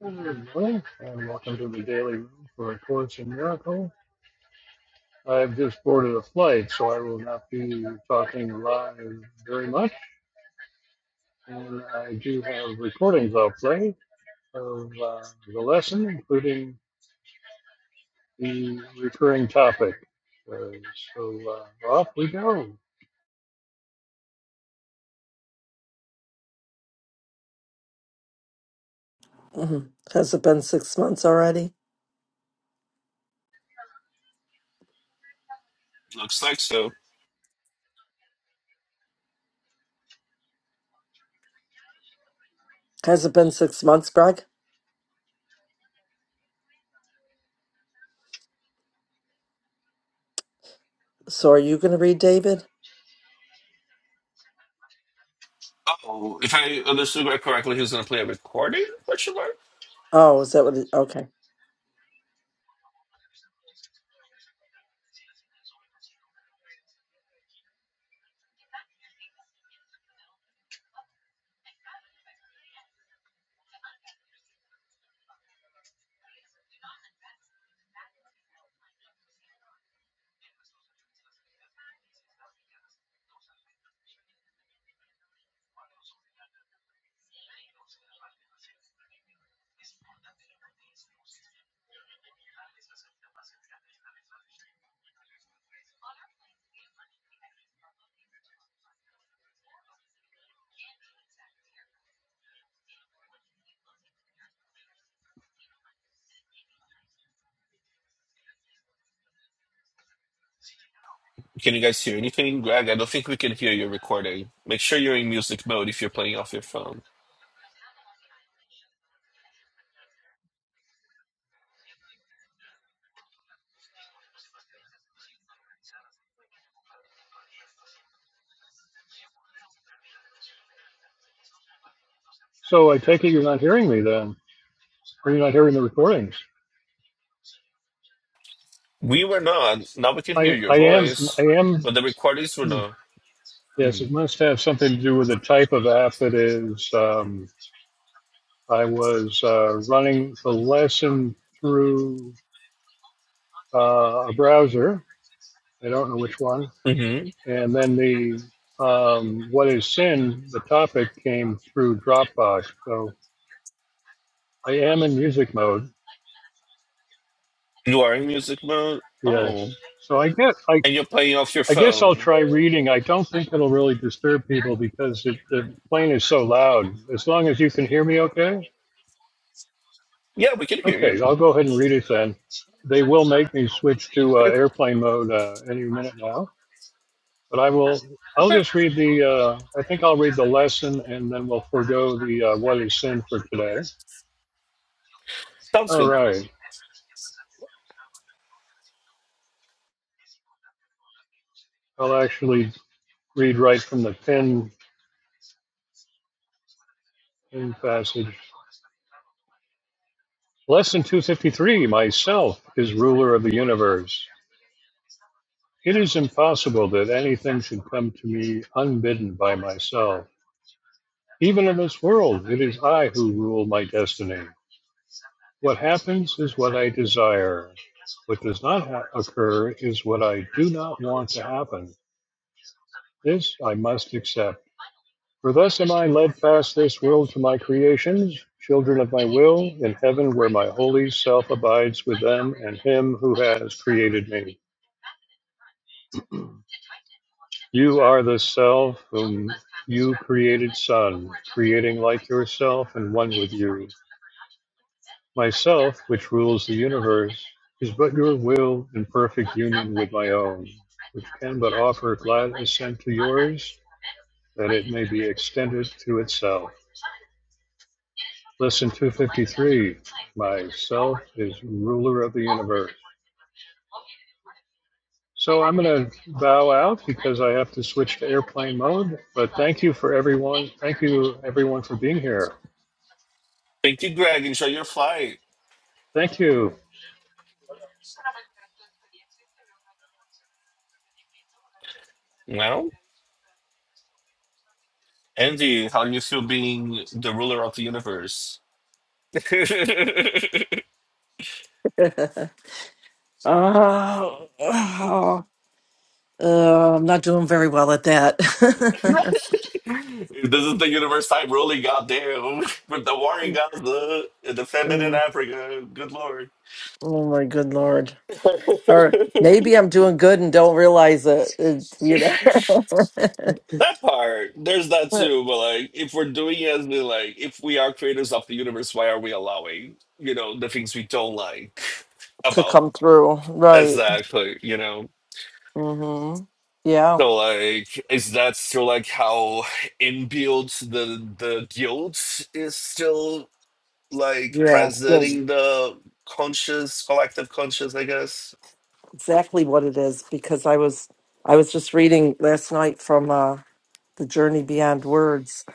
Hello, and welcome to the Daily Room for A Course in Miracle. I've just boarded a flight, so I will not be talking live very much. And I do have recordings I'll play of uh, the lesson, including the recurring topic. Uh, so uh, off we go. Mhm. Has it been six months already? Looks like so. Has it been six months, Greg? So are you going to read David? Oh, if I understood Greg correctly, he was going to play a recording? Question mark? Oh, is that what it, okay. Can you guys hear anything, Greg? I don't think we can hear your recording. Make sure you're in music mode if you're playing off your phone. So I take it you're not hearing me then, or you're not hearing the recordings. We were not. Now we can I, hear your I am, I voice, am, but the recordings were hmm, not. yes, it must have something to do with the type of app it is. Um, I was uh, running the lesson through uh, a browser. I don't know which one. Mm-hmm. And then the um, what is sin? The topic came through Dropbox. So I am in music mode. You are in music mode. Yes. Oh, So I guess I, and you're playing off your I guess I'll phone. try reading. I don't think it'll really disturb people because it, the plane is so loud. As long as you can hear me, okay. Yeah, we can hear you. Okay, I'll go ahead and read it then. They will make me switch to uh, Okay. airplane mode uh, any minute now. But I will. I'll Okay. just read the. Uh, I think I'll read the lesson, and then we'll forego the uh, what is sin for today. Sounds All good. right. I'll actually read right from the pin passage. Lesson 253. Myself is ruler of the universe. It is impossible that anything should come to me unbidden by myself. Even in this world, it is I who rule my destiny. What happens is what I desire. What does not ha- occur is what I do not want to happen. This I must accept. For thus am I led past this world to my creations, children of my will, in heaven where my holy self abides with them and him who has created me. You are the self whom you created, Son, creating like yourself and one with you. Myself, which rules the universe, is but your will in perfect union with my own, which can but offer glad assent to yours, that it may be extended to itself. Lesson 253 Myself is ruler of the universe. So I'm going to bow out because I have to switch to airplane mode. But thank you for everyone. Thank you, everyone, for being here. Thank you, Greg. Enjoy your flight. Thank you. Well, Andy, how do you feel being the ruler of the universe? this oh, oh, oh, I'm not doing very well at that. is the universe type ruling, goddamn, with the war in Gaza and the famine in oh, Africa. Good lord. oh my good Lord. Or that maybe I'm doing good and don't realize it, it you know, part, there's that too. But like, if we're doing it as we like, if we are creators of the universe, why are we allowing, you know, the things we don't like to about? come through. Right. Exactly, you know. hmm Yeah. So like, is that still like how inbuilt the the guilt is still? like Yeah. presenting the conscious collective conscious i guess exactly what it is because I was I was just reading last night from uh, the Journey Beyond Words,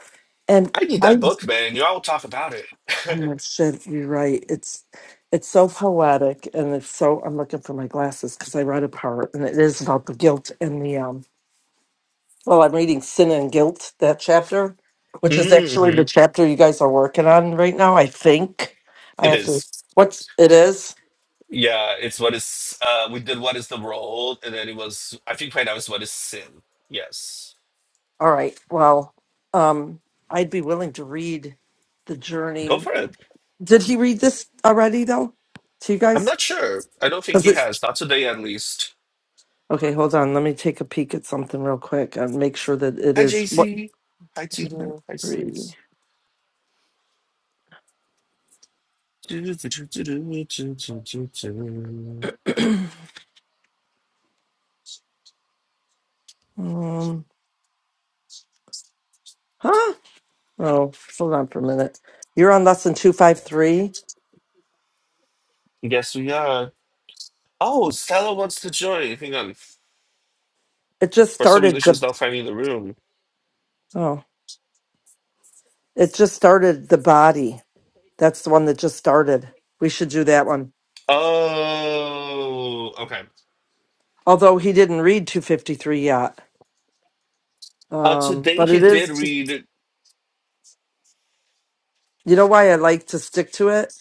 and i need that I book man you all talk about it oh my shit, you're right. It's it's so poetic, and it's so I'm looking for my glasses because I read a part, and it is about the guilt and the um. Well, I'm reading Sin and Guilt that chapter, which is actually the Mhm. chapter you guys are working on right now. I think I It have to. is What's it is? yeah it's what is uh we did what is the role and then it was i think right now is what is sin yes All right. Well, um, I'd be willing to read the go journey for it Did he read this already though? To you i'm guys? not sure i don't think Because he it's has not today at least okay. Hold on. Let me take a peek at something real quick and make sure that it hi is what jc hi two or tina hi three. sis Um. Huh. Oh, hold on for a minute. You're on lesson two five three. yes we are oh stella wants to join hang on It just For some reason, started the. she's not finding the room. Oh, it just started the body. That's the one that just started. We should do that one. Oh, okay. Although he didn't read two fifty three yet. Uh, Um, today but it he did is. read. You know why I like to stick to it?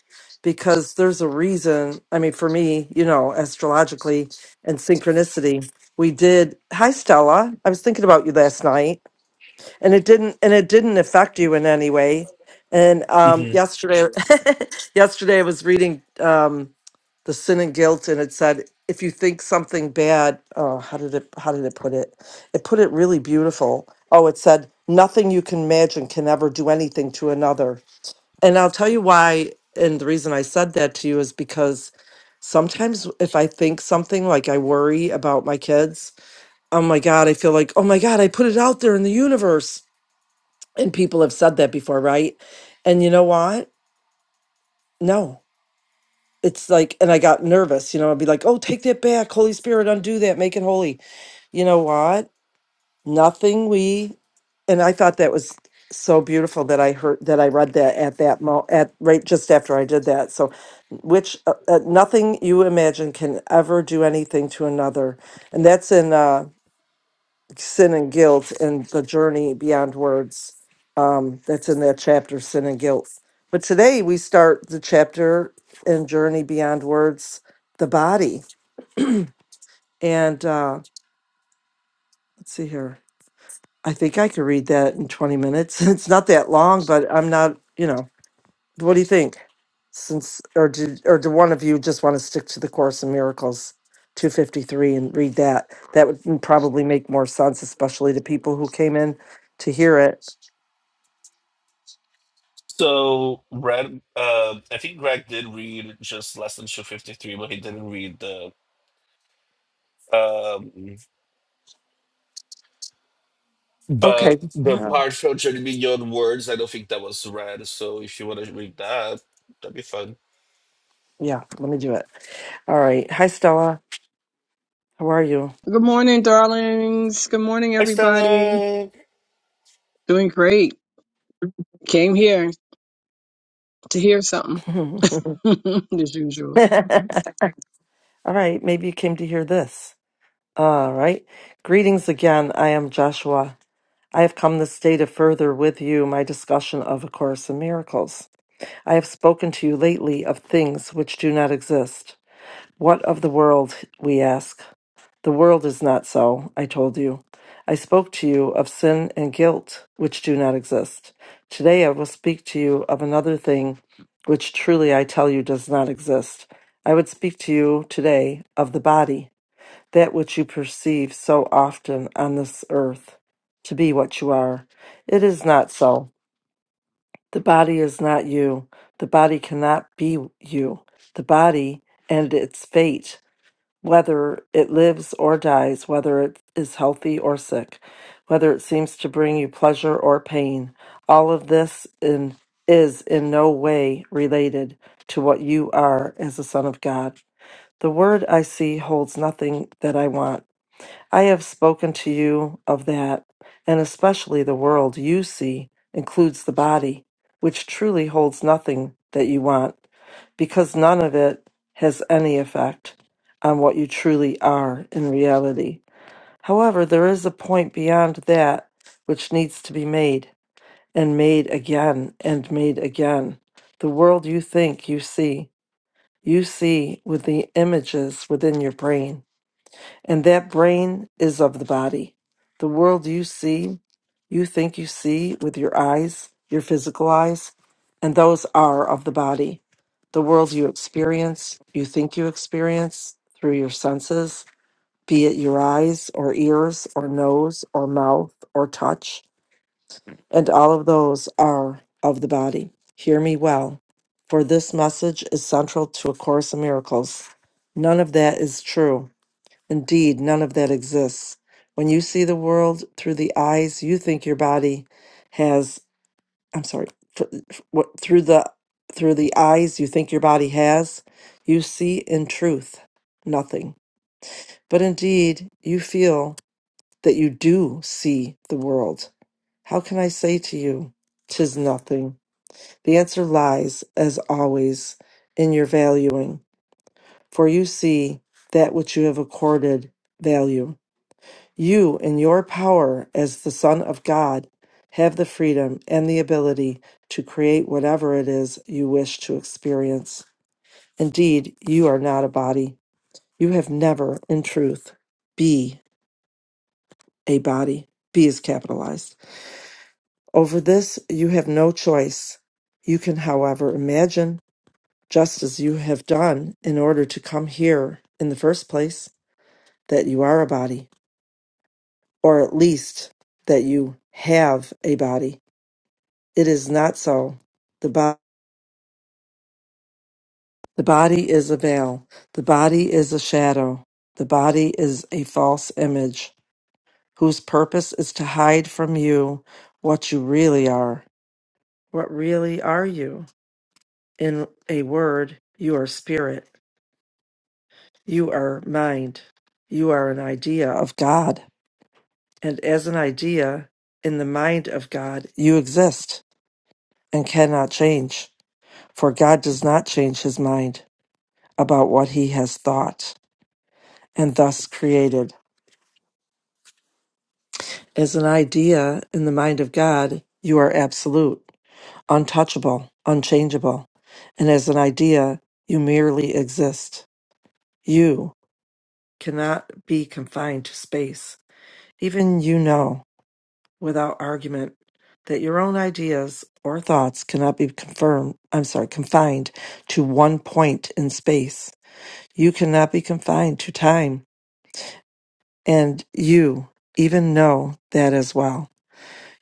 Because there's a reason. I mean, for me, you know, astrologically and synchronicity, we did. Hi, Stella. I was thinking about you last night, and it didn't, and it didn't affect you in any way. And um, hmm yesterday, yesterday I was reading um, the Sin and Guilt, and it said if you think something bad, oh, how did it, how did it put it? It put it really beautiful. Oh, it said nothing you can imagine can ever do anything to another and I'll tell you why. And the reason I said that to you is because sometimes if I think something like I worry about my kids, oh my God, I feel like, oh my God, I put it out there in the universe. And people have said that before, right? And you know what? No. It's like, and I got nervous, you know, I'd be like, oh, take that back. Holy Spirit, undo that, make it holy. You know what? nothing we and i thought that was so beautiful that i heard that i read that at that mo at right just after i did that so which uh, uh, nothing you imagine can ever do anything to another and that's in uh sin and guilt and the journey beyond words um that's in that chapter sin and guilt but today we start the chapter and journey beyond words the body and uh let's see here I think I could read that in 20 minutes. It's not that long, but I'm not, you know, what do you think? Since or do or do one of you just want to stick to the Course in Miracles 253 and read that? That would m- probably make more sense, especially to people who came in to hear it. So, Brad, uh, I think Greg did read just Lesson 253, but he didn't read the. Um, Okay. but the uh, part from Journey Beyond Words, I don't think that was read. So, if you want to read that, that'd be fun. Yeah, let me do it. All right. Hi Stella. How are you? Good morning, darlings. Good morning, Hi, everybody. Stella. Doing great. Came here to hear something as usual. All right, maybe you came to hear this. All right. Greetings again. I am Joshua. I have come this day to further with you my discussion of A Course in Miracles. I have spoken to you lately of things which do not exist. What of the world, we ask? The world is not so, I told you. I spoke to you of sin and guilt which do not exist. Today I will speak to you of another thing which truly I tell you does not exist. I would speak to you today of the body that which you perceive so often on this earth to be what you are. It is not so. The body is not you. The body cannot be you. The body and its fate, whether it lives or dies, whether it is healthy or sick, whether it seems to bring you pleasure or pain, all of this in, is in no way related to what you are as a son of God. The word I see holds nothing that I want. I have spoken to you of that, and especially the world you see includes the body, which truly holds nothing that you want, because none of it has any effect on what you truly are in reality. However, there is a point beyond that which needs to be made, and made again, and made again. The world you think you see, you see with the images within your brain and that brain is of the body. The world you see, you think you see with your eyes, your physical eyes, and those are of the body. The world you experience, you think you experience through your senses, be it your eyes or ears or nose or mouth or touch, and all of those are of the body. Hear me well, for this message is central to A Course in Miracles. None of that is true. Indeed, none of that exists. When you see the world through the eyes, you think your body has, I'm sorry, f- f- what through the through the eyes you think your body has, you see in truth nothing. But indeed, you feel that you do see the world. How can I say to you, 'Tis nothing? The answer lies, as always, in your valuing, for you see that which you have accorded value. You, in your power as the Son of God, have the freedom and the ability to create whatever it is you wish to experience. Indeed, you are not a body. You have never, in truth, be a body. Be is capitalized. Over this, you have no choice. You can, however, imagine, just as you have done in order to come here in the first place, that you are a body, or at least that you have a body It is not so. The, bo- the body is a veil. The body is a shadow. The body is a false image whose purpose is to hide from you what you really are. What really are you? In a word, you are spirit. You are mind. You are an idea of God. And as an idea in the mind of God, you exist and cannot change. For God does not change his mind about what he has thought. and thus created. As an idea in the mind of God, you are absolute, untouchable, unchangeable. And as an idea, you merely exist. You cannot be confined to space. Even you know, without argument, that your own ideas or thoughts cannot be confirmed, I'm sorry, confined to one point in space. You cannot be confined to time. And you even know that as well.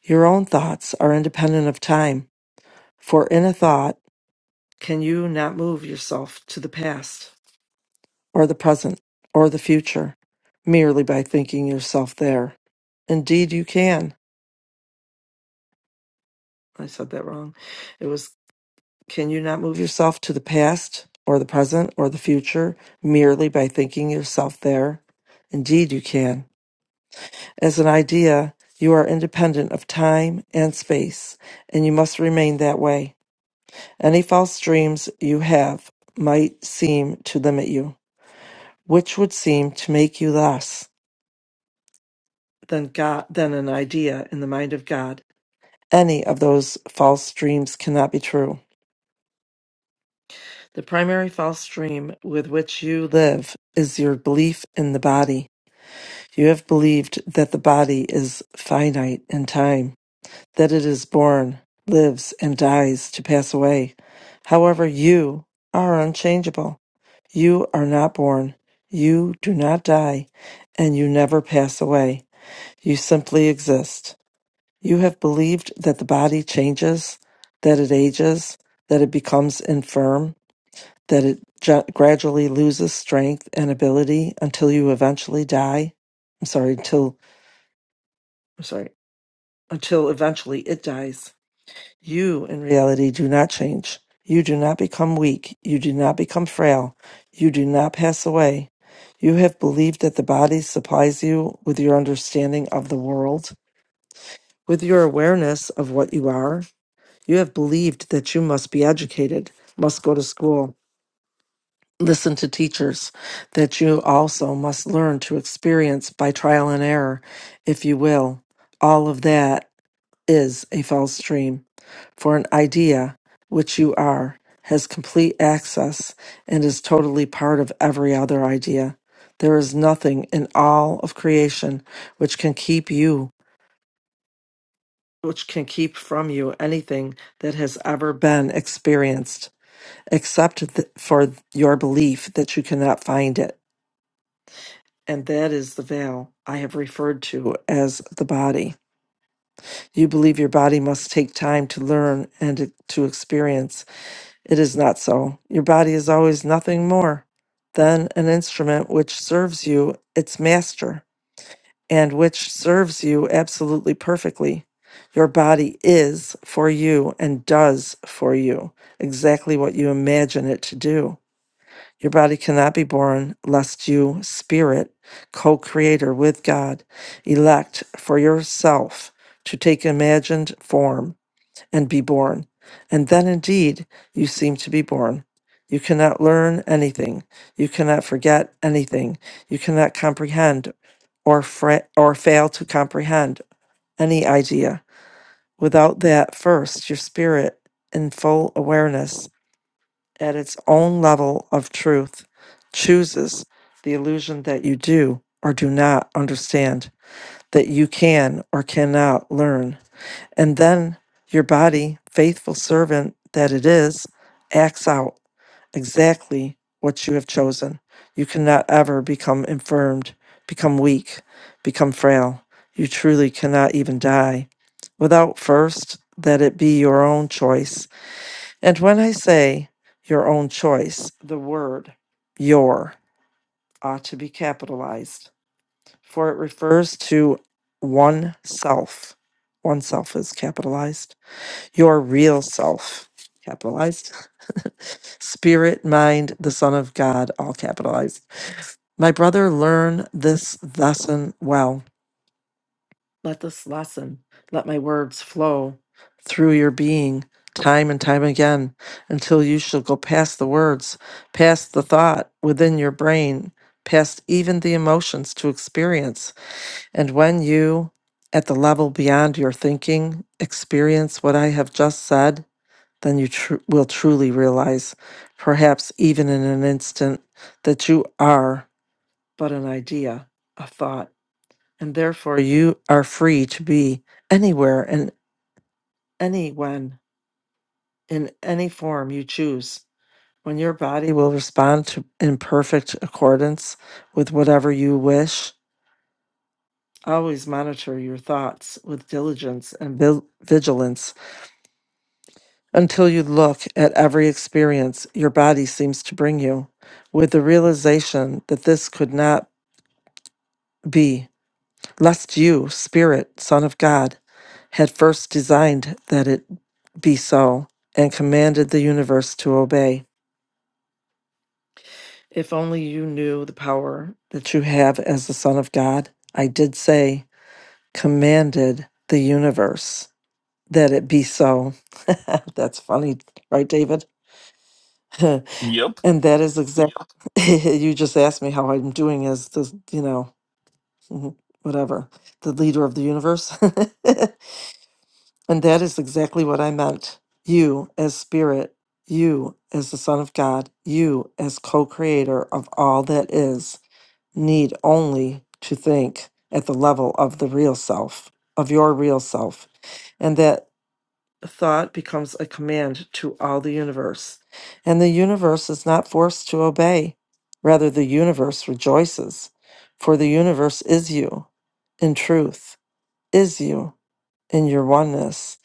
Your own thoughts are independent of time, for in a thought can you not move yourself to the past, or the present, or the future, merely by thinking yourself there. Indeed, you can. I said that wrong. It was can you not move yourself to the past, or the present, or the future, merely by thinking yourself there? Indeed, you can. As an idea, you are independent of time and space, and you must remain that way. Any false dreams you have might seem to limit you, which would seem to make you less than God than an idea in the mind of God. Any of those false dreams cannot be true. The primary false dream with which you live is your belief in the body. You have believed that the body is finite in time that it is born, lives, and dies to pass away. However, you are unchangeable. You are not born. You do not die, and you never pass away. You simply exist. You have believed that the body changes, that it ages, that it becomes infirm, that it ju- gradually loses strength and ability until you eventually die. I'm sorry, until, I'm sorry, until eventually it dies. You, in reality, do not change. You do not become weak. You do not become frail. You do not pass away. You have believed that the body supplies you with your understanding of the world, with your awareness of what you are. You have believed that you must be educated, must go to school, listen to teachers, that you also must learn to experience by trial and error, if you will. All of that is a false dream for an idea, which you are, has complete access and is totally part of every other idea. There is nothing in all of creation which can keep you, which can keep from you anything that has ever been experienced, except th- for your belief that you cannot find it. And that is the veil I have referred to as the body. You believe your body must take time to learn and to experience It is not so. Your body is always nothing more than an instrument which serves you its master and which serves you absolutely perfectly. Your body is for you and does for you exactly what you imagine it to do. Your body cannot be born lest you, spirit, co creator with God, elect for yourself to take imagined form and be born. And then indeed you seem to be born. You cannot learn anything. You cannot forget anything. You cannot comprehend or, fra- or fail to comprehend any idea. Without that, first, your spirit, in full awareness at its own level of truth, chooses the illusion that you do or do not understand, that you can or cannot learn and then your body, faithful servant that it is, acts out exactly what you have chosen. You cannot ever become infirmed, become weak, become frail. You truly cannot even die without first that it be your own choice. And when I say your own choice, the word your ought to be capitalized, for it refers to one self. One self is capitalized your real self, capitalized, spirit, mind, the Son of God, all capitalized. My brother, learn this lesson well. Let this lesson, let my words flow through your being time and time again until you shall go past the words, past the thought within your brain, past even the emotions to experience. And when you, at the level beyond your thinking, experience what I have just said, then you tr- will truly realize, perhaps even in an instant, that you are but an idea, a thought, and therefore you are free to be anywhere and anyone in any form you choose. When your body will respond to in perfect accordance with whatever you wish, always monitor your thoughts with diligence and vil- vigilance Until you look at every experience your body seems to bring you with the realization that this could not be, lest you, Spirit, Son of God, had first designed that it be so and commanded the universe to obey. If only you knew the power that you have as the Son of God. I did say, commanded the universe that it be so. That's funny, right, David? Yep. And that is exactly, you just asked me how I'm doing as the, you know, mhm, whatever, the leader of the universe. and that is exactly what I meant. You as spirit, you as the Son of God, you as co creator of all that is, need only to think at the level of the real self, of your real self. And that thought becomes a command to all the universe, and the universe is not forced to obey. Rather, the universe rejoices, for the universe is you, in truth, is you, in your oneness.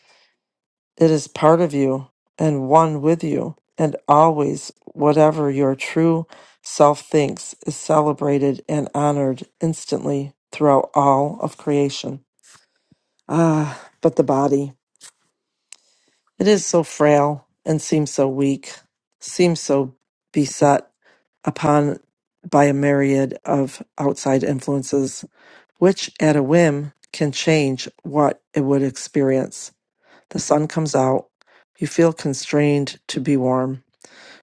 It is part of you and one with you, and always whatever your true self thinks is celebrated and honored instantly throughout all of creation. Ah, but the body. It is so frail and seems so weak, seems so beset upon by a myriad of outside influences, which at a whim can change what it would experience. The sun comes out. You feel constrained to be warm,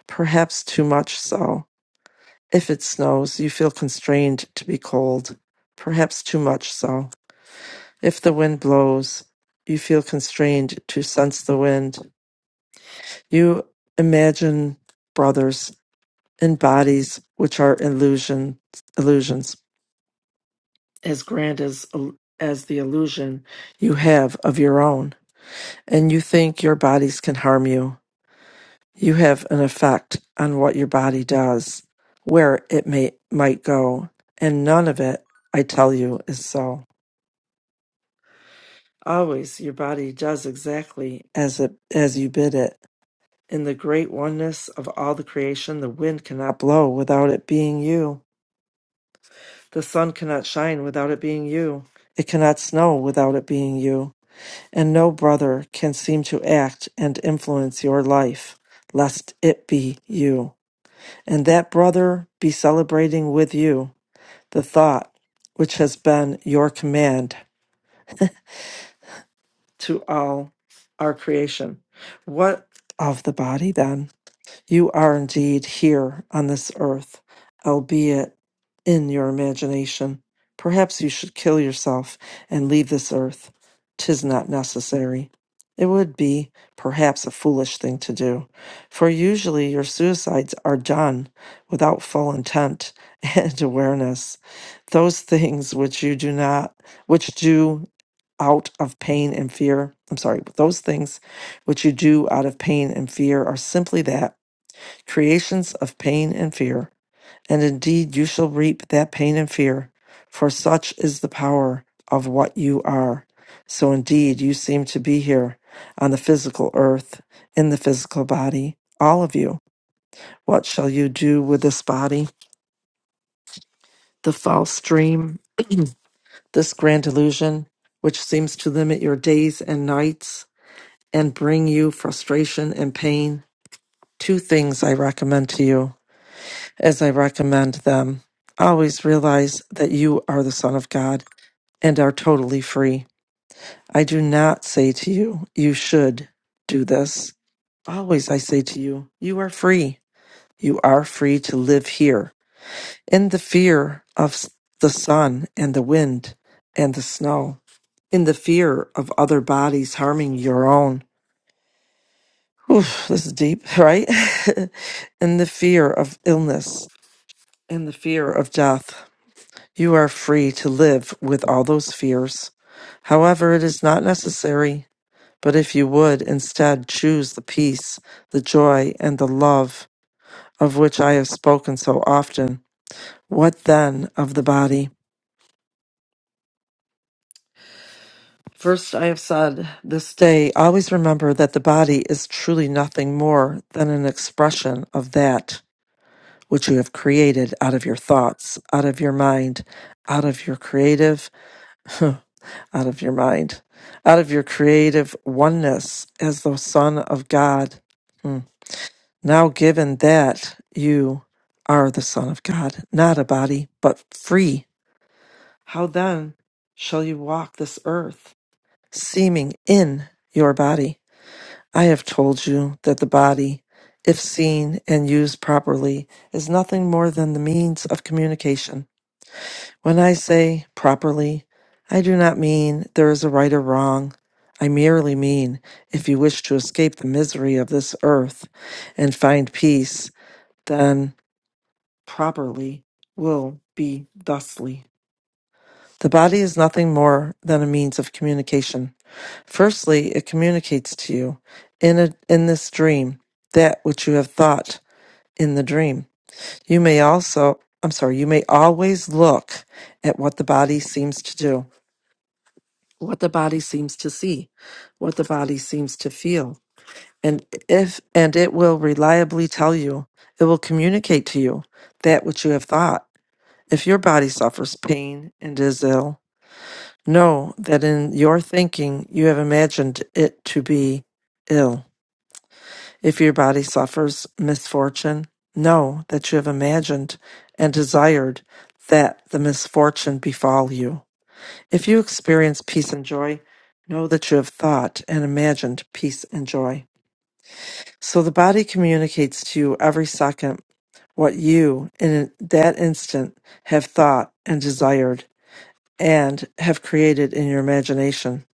perhaps too much so. If it snows, you feel constrained to be cold, perhaps too much so. If the wind blows, you feel constrained to sense the wind You imagine, brothers, in bodies which are illusion, illusions, as grand as as the illusion you have of your own, and you think your bodies can harm you. You have an effect on what your body does, where it may might go, and none of it, I tell you, is so. Always, your body does exactly as it as you bid it. In the great oneness of all the creation, the wind cannot blow without it being you. The sun cannot shine without it being you. It cannot snow without it being you. And no brother can seem to act and influence your life, lest it be you. And that brother be celebrating with you the thought which has been your command to all our creation. What of the body then? You are indeed here on this earth, albeit in your imagination. Perhaps you should kill yourself and leave this earth. Tis not necessary. It would be, perhaps, a foolish thing to do, for usually your suicides are done without full intent and awareness. Those things which you do not, which do out of pain and fear, I'm sorry, those things which you do out of pain and fear are simply that creations of pain and fear. And indeed, you shall reap that pain and fear, for such is the power of what you are. So indeed, you seem to be here on the physical earth, in the physical body, all of you. What shall you do with this body? The false dream, this grand illusion, which seems to limit your days and nights and bring you frustration and pain. Two things I recommend to you. as I recommend them. Always realize that you are the Son of God and are totally free. I do not say to you, you should do this. Always I say to you, you are free. You are free to live here in the fear of s- the sun and the wind and the snow, in the fear of other bodies harming your own. Oof, this is deep, right? in the fear of illness, in the fear of death You are free to live with all those fears. However, it is not necessary. But if you would instead choose the peace, the joy, and the love of which I have spoken so often, what then of the body? First, I have said this day, always remember that the body is truly nothing more than an expression of that which you have created out of your thoughts, out of your mind, out of your creative out of your mind, out of your creative oneness as the Son of God. Hmm. Now, given that you are the Son of God, not a body, but free, how then shall you walk this earth, seeming in your body? I have told you that the body, if seen and used properly, is nothing more than the means of communication when I say properly, I do not mean there is a right or wrong. I merely mean if you wish to escape the misery of this earth and find peace, then properly will be thusly. The body is nothing more than a means of communication. Firstly, it communicates to you in, a, in this dream that which you have thought in the dream. You may also, I'm sorry, you may always look at what the body seems to do. what the body seems to see, what the body seems to feel. And if and it will reliably tell you, it will communicate to you that which you have thought. If your body suffers pain and is ill, know that in your thinking you have imagined it to be ill. If your body suffers misfortune, know that you have imagined and desired that the misfortune befall you. If you experience peace and joy, know that you have thought and imagined peace and joy. So the body communicates to you every second what you, in that instant, have thought and desired and have created in your imagination.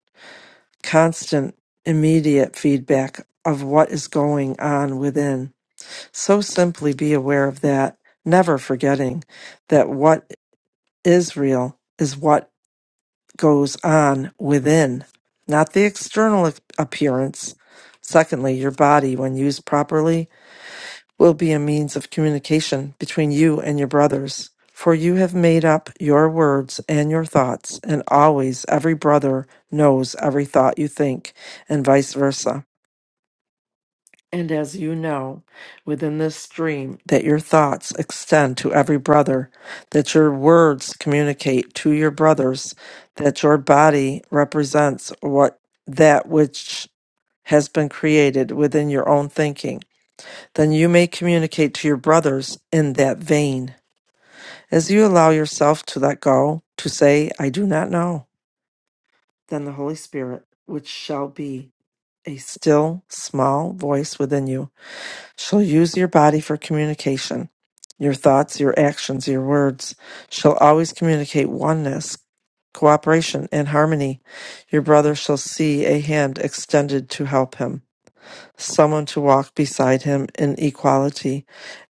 Constant, immediate feedback of what is going on within. So simply be aware of that, never forgetting that what is real is what. goes on within, not the external ap- appearance. Secondly, your body, when used properly, will be a means of communication between you and your brothers. For you have made up your words and your thoughts, and always every brother knows every thought you think, and vice versa. And as you know, within this stream, that your thoughts extend to every brother, that your words communicate to your brothers, that your body represents what that which has been created within your own thinking, then you may communicate to your brothers in that vein. As you allow yourself to let go, to say, I do not know, then the Holy Spirit, which shall be a still small voice within you, She'll use your body for communication, your thoughts, your actions, your words. She'll always communicate oneness, cooperation, and harmony. Your brother shall see a hand extended to help him, someone to walk beside him in equality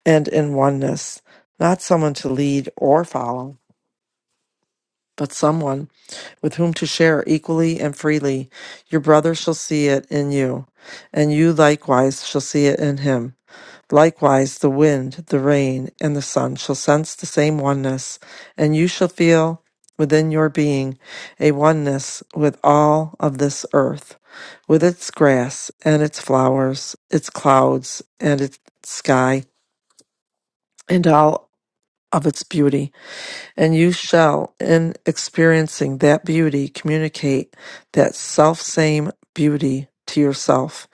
and in oneness, not someone to lead or follow. But someone with whom to share equally and freely. Your brother shall see it in you, and you likewise shall see it in him. Likewise the wind, the rain, and the sun shall sense the same oneness, and you shall feel within your being a oneness with all of this earth, with its grass and its flowers, its clouds and its sky, and all of its beauty. And you shall, in experiencing that beauty, communicate that selfsame beauty to yourself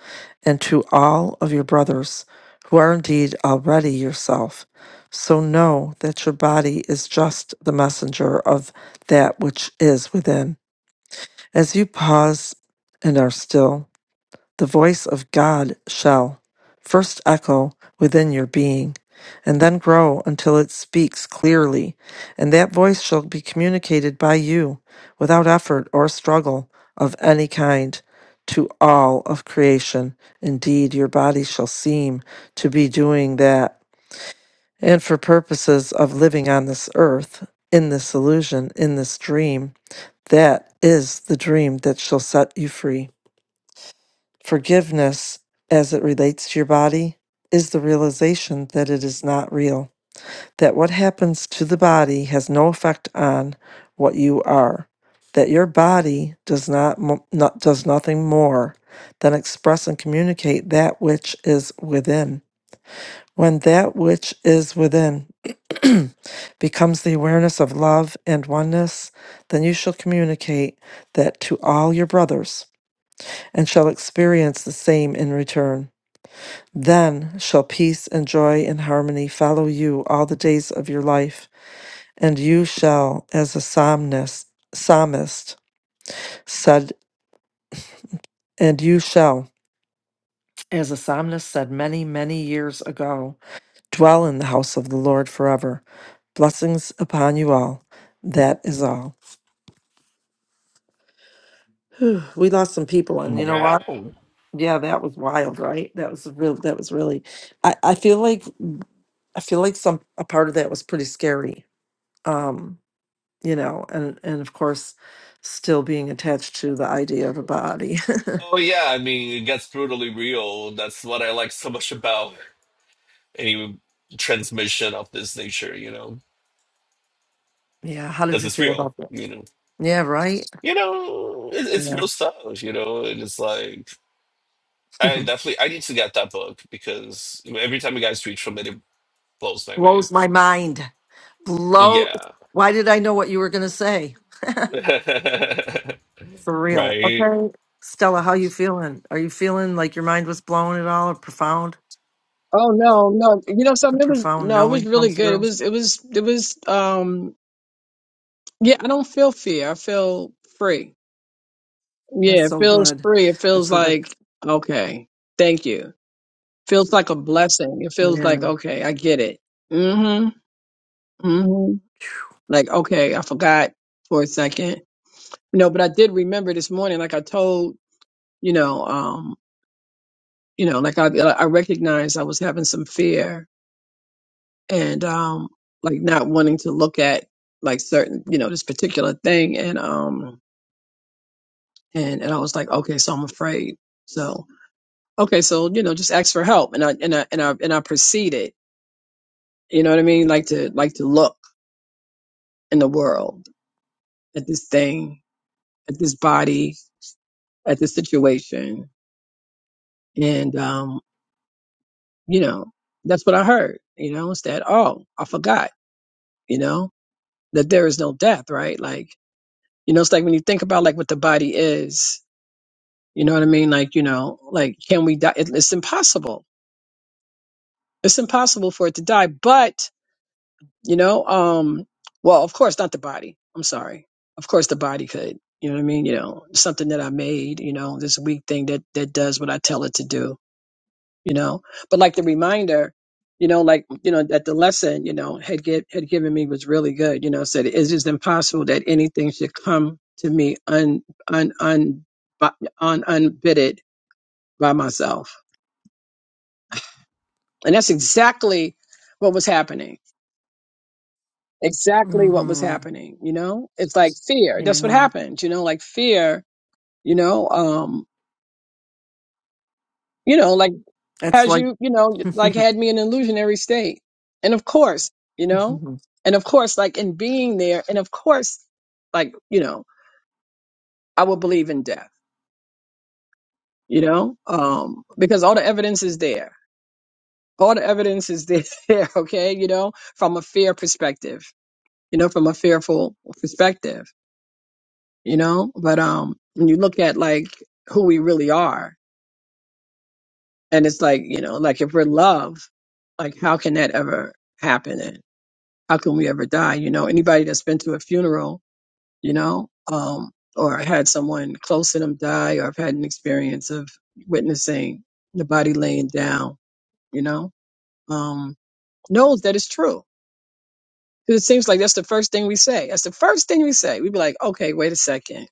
and to all of your brothers who are indeed already yourself. So know that your body is just the messenger of that which is within. As you pause and are still, the voice of God shall first echo within your being, and then grow until it speaks clearly, and that voice shall be communicated by you without effort or struggle of any kind to all of creation. Indeed, your body shall seem to be doing that. And for purposes of living on this earth, in this illusion, in this dream, that is the dream that shall set you free. Forgiveness, as it relates to your body, is the realization that it is not real, that what happens to the body has no effect on what you are, that your body does not, mo- not does nothing more than express and communicate that which is within. When that which is within becomes the awareness of love and oneness, then you shall communicate that to all your brothers and shall experience the same in return. Then shall peace and joy and harmony follow you all the days of your life, and you shall, as a psalmist, psalmist said, and you shall, as a psalmist said many, many years ago, dwell in the house of the Lord forever. Blessings upon you all. That is all. Whew, we lost some people, and you know what? Wow. Yeah, that was wild, right? That was real. That was really. I, I feel like I feel like some a part of that was pretty scary. Um, you know, and and of course, still being attached to the idea of a body. Oh, yeah. I mean, it gets brutally real. That's what I like so much about. any transmission of this nature, you know, yeah, how did because you it's feel real, about that? you know, Yeah, right. you know, it, it's Yeah, real stuff, you know, and it's like I definitely I need to get that book because every time you guys tweet from it, it blows my mind. blows my mind. Blow. Yeah, Why did I know what you were gonna say? For real. right. Okay, Stella, how you feeling? Are you feeling like your mind was blown at all, or profound? Oh no, no. You know The something? It was profound no, it was knowing really comes good. It through. was it was it was um yeah, I don't feel fear. I feel free. That's Yeah, it so feels good. free. It That's feels so good. like okay. Thank you. Feels like a blessing. It feels Yeah. like okay, I get it. Mhm. Mhm. Like okay, I forgot for a second. No, but I did remember this morning like I told you know um you know like i i recognized i was having some fear and um like not wanting to look at like certain you know this particular thing and um and and i was like okay so i'm afraid so okay so you know just ask for help and i and i and i and i proceeded you know what i mean like to like to look in the world at this thing at this body at this situation and um you know that's what i heard you know it's that oh i forgot you know that there is no death, right? Like, you know, it's like when you think about like what the body is, you know what I mean? Like, you know, like can we die? It, it's impossible. It's impossible for it to die. But, you know, um, well, of course, not the body. I'm sorry. Of course the body could, you know what I mean? You know, something that I made, you know, this weak thing that, that does what I tell it to do you know. But like the reminder, you know, like you know that the lesson, you know, had get had given me was really good. You know, said it is just impossible that anything should come to me un un un bu- un unbidded by myself, and that's exactly what was happening. Exactly what was Mm-hmm. happening. You know, it's like fear. You That's what know, happened. You know, like fear. You know, um, you know, like. that's has like you, you know, like had me in an illusionary state. And of course, you know, and of course, like in being there, and of course, like, you know, I would believe in death, you know, um, because all the evidence is there. All the evidence is there, okay, you know, from a fear perspective, you know, from a fearful perspective, you know, but, um, when you look at like who we really are, and it's like, you know, like if we're love, like how can that ever happen? how can we ever die? You know, anybody that's been to a funeral, you know, um, or had someone close to them die, or have had an experience of witnessing the body laying down, you know, um, knows that it's true. Because it seems like that's the first thing we say. That's the first thing we say. We'd be like, okay, wait a second.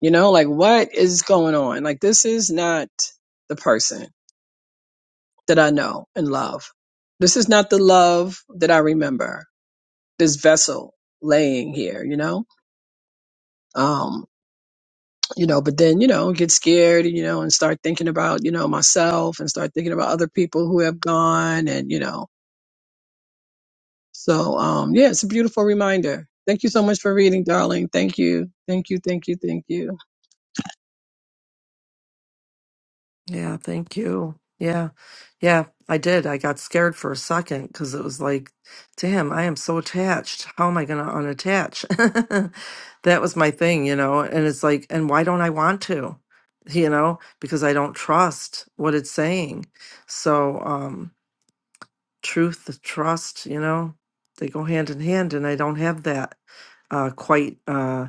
You know, like what is going on? Like this is not the person that I know and love. This is not the love that I remember. This vessel laying here, you know? Um, you know, but then, you know, get scared, you know, and start thinking about, you know, myself and start thinking about other people who have gone and, you know, so, um, yeah, it's a beautiful reminder. Thank you so much for reading, darling. Thank you. Thank you. Thank you. Thank you. Yeah, thank you. Yeah. Yeah, I did. I got scared for a second because it was like, damn, I am so attached. How am I going to unattach? that was my thing, you know? And it's like, and why don't I want to? You know, because I don't trust what it's saying. So, um, truth, trust, you know, they go hand in hand, and I don't have that uh, quite, uh,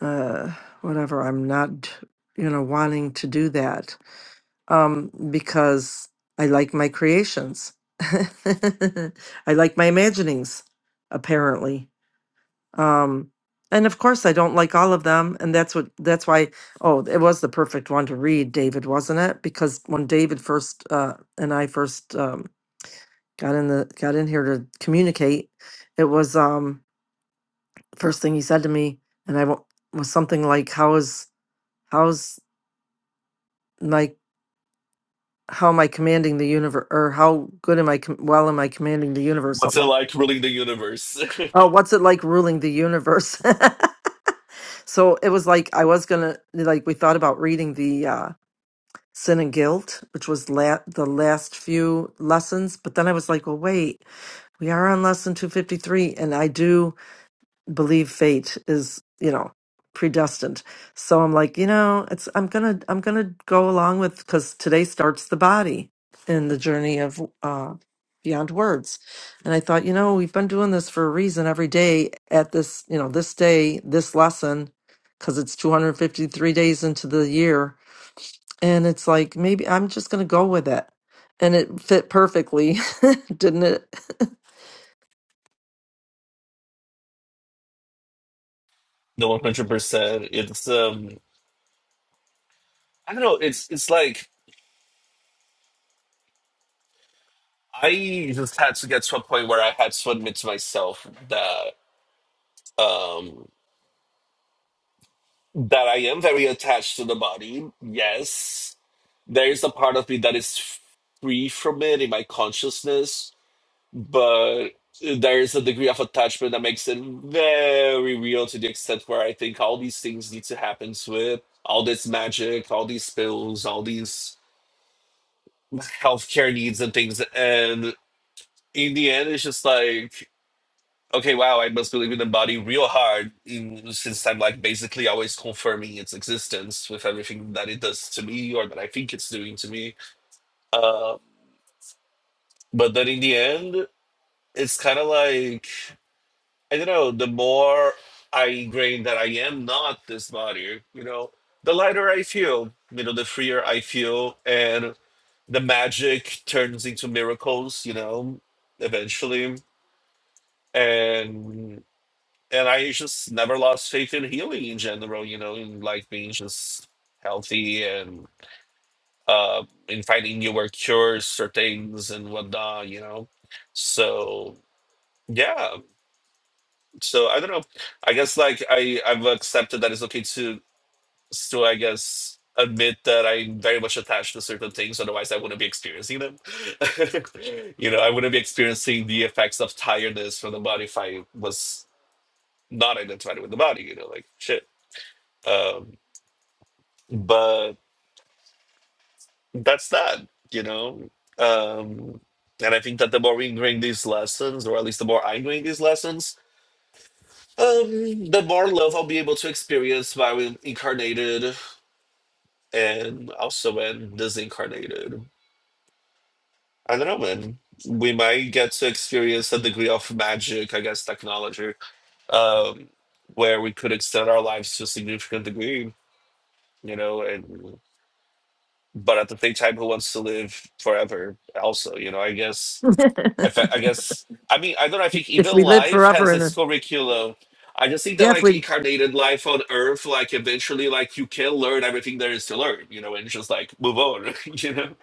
uh, whatever. I'm not, you know, wanting to do that um, because I like my creations. I like my imaginings, apparently. Um, and of course, I don't like all of them, and that's what that's why. Oh, it was the perfect one to read, David, wasn't it? Because when David first uh, and I first um, got in the got in here to communicate, it was um, first thing he said to me, and I wa- was something like, "How is how's?" my." how am I commanding the universe, or how good am I? Com- well, am I commanding the universe? What's Something it like, like ruling the universe? oh, what's it like ruling the universe? so it was like I was gonna like we thought about reading the uh, Sin and Guilt, which was la- the last few lessons, but then I was like, well, wait, we are on lesson two fifty three, and I do. believe fate is you know predestined so i'm like you know it's i'm gonna i'm gonna go along with because today starts the body in the journey of uh beyond words and i thought you know we've been doing this for a reason every day at this you know this day this lesson because it's 253 days into the year and it's like maybe i'm just gonna go with it and it fit perfectly didn't it no, one hundred percent. It's um, I don't know. It's it's like I just had to get to a point where I had to admit to myself that. um. that I am very attached to the body. Yes, there is a part of me that is free from it in my consciousness, but there is a degree of attachment that makes it very real to the extent where I think all these things need to happen to it. All this magic, all these pills, all these healthcare needs and things. And in the end, it's just like Okay, wow, I must believe in a body real hard in, since I'm like basically always confirming its existence with everything that it does to me or that I think it's doing to me. Uh, but then in the end, it's kind of like, I don't know, the more I ingrain that I am not this body, you know, the lighter I feel, you know, the freer I feel, and the magic turns into miracles, you know, eventually. And and I just never lost faith in healing in general, you know, in like being just healthy and uh in finding newer cures or things and whatnot, you know. So yeah. So I don't know. I guess like I, I've accepted that it's okay to to I guess admit that I'm very much attached to certain things, otherwise I wouldn't be experiencing them. you know, I wouldn't be experiencing the effects of tiredness from the body if I was not identified with the body, you know, like shit. Um, but that's that you know um and i think that the more we bring these lessons or at least the more i bring these lessons um the more love i'll be able to experience while i'm incarnated and also when disincarnated i don't know man we might get to experience a degree of magic i guess technology um where we could extend our lives to a significant degree you know and but at the same time who wants to live forever also you know i guess I, fe- I guess I mean I don't know. I think if even we live life forever has in a its curriculum. I just think that yeah if like we incarnated life on Earth, like eventually, like you can learn everything there is to learn, you know, and just like move on, you know.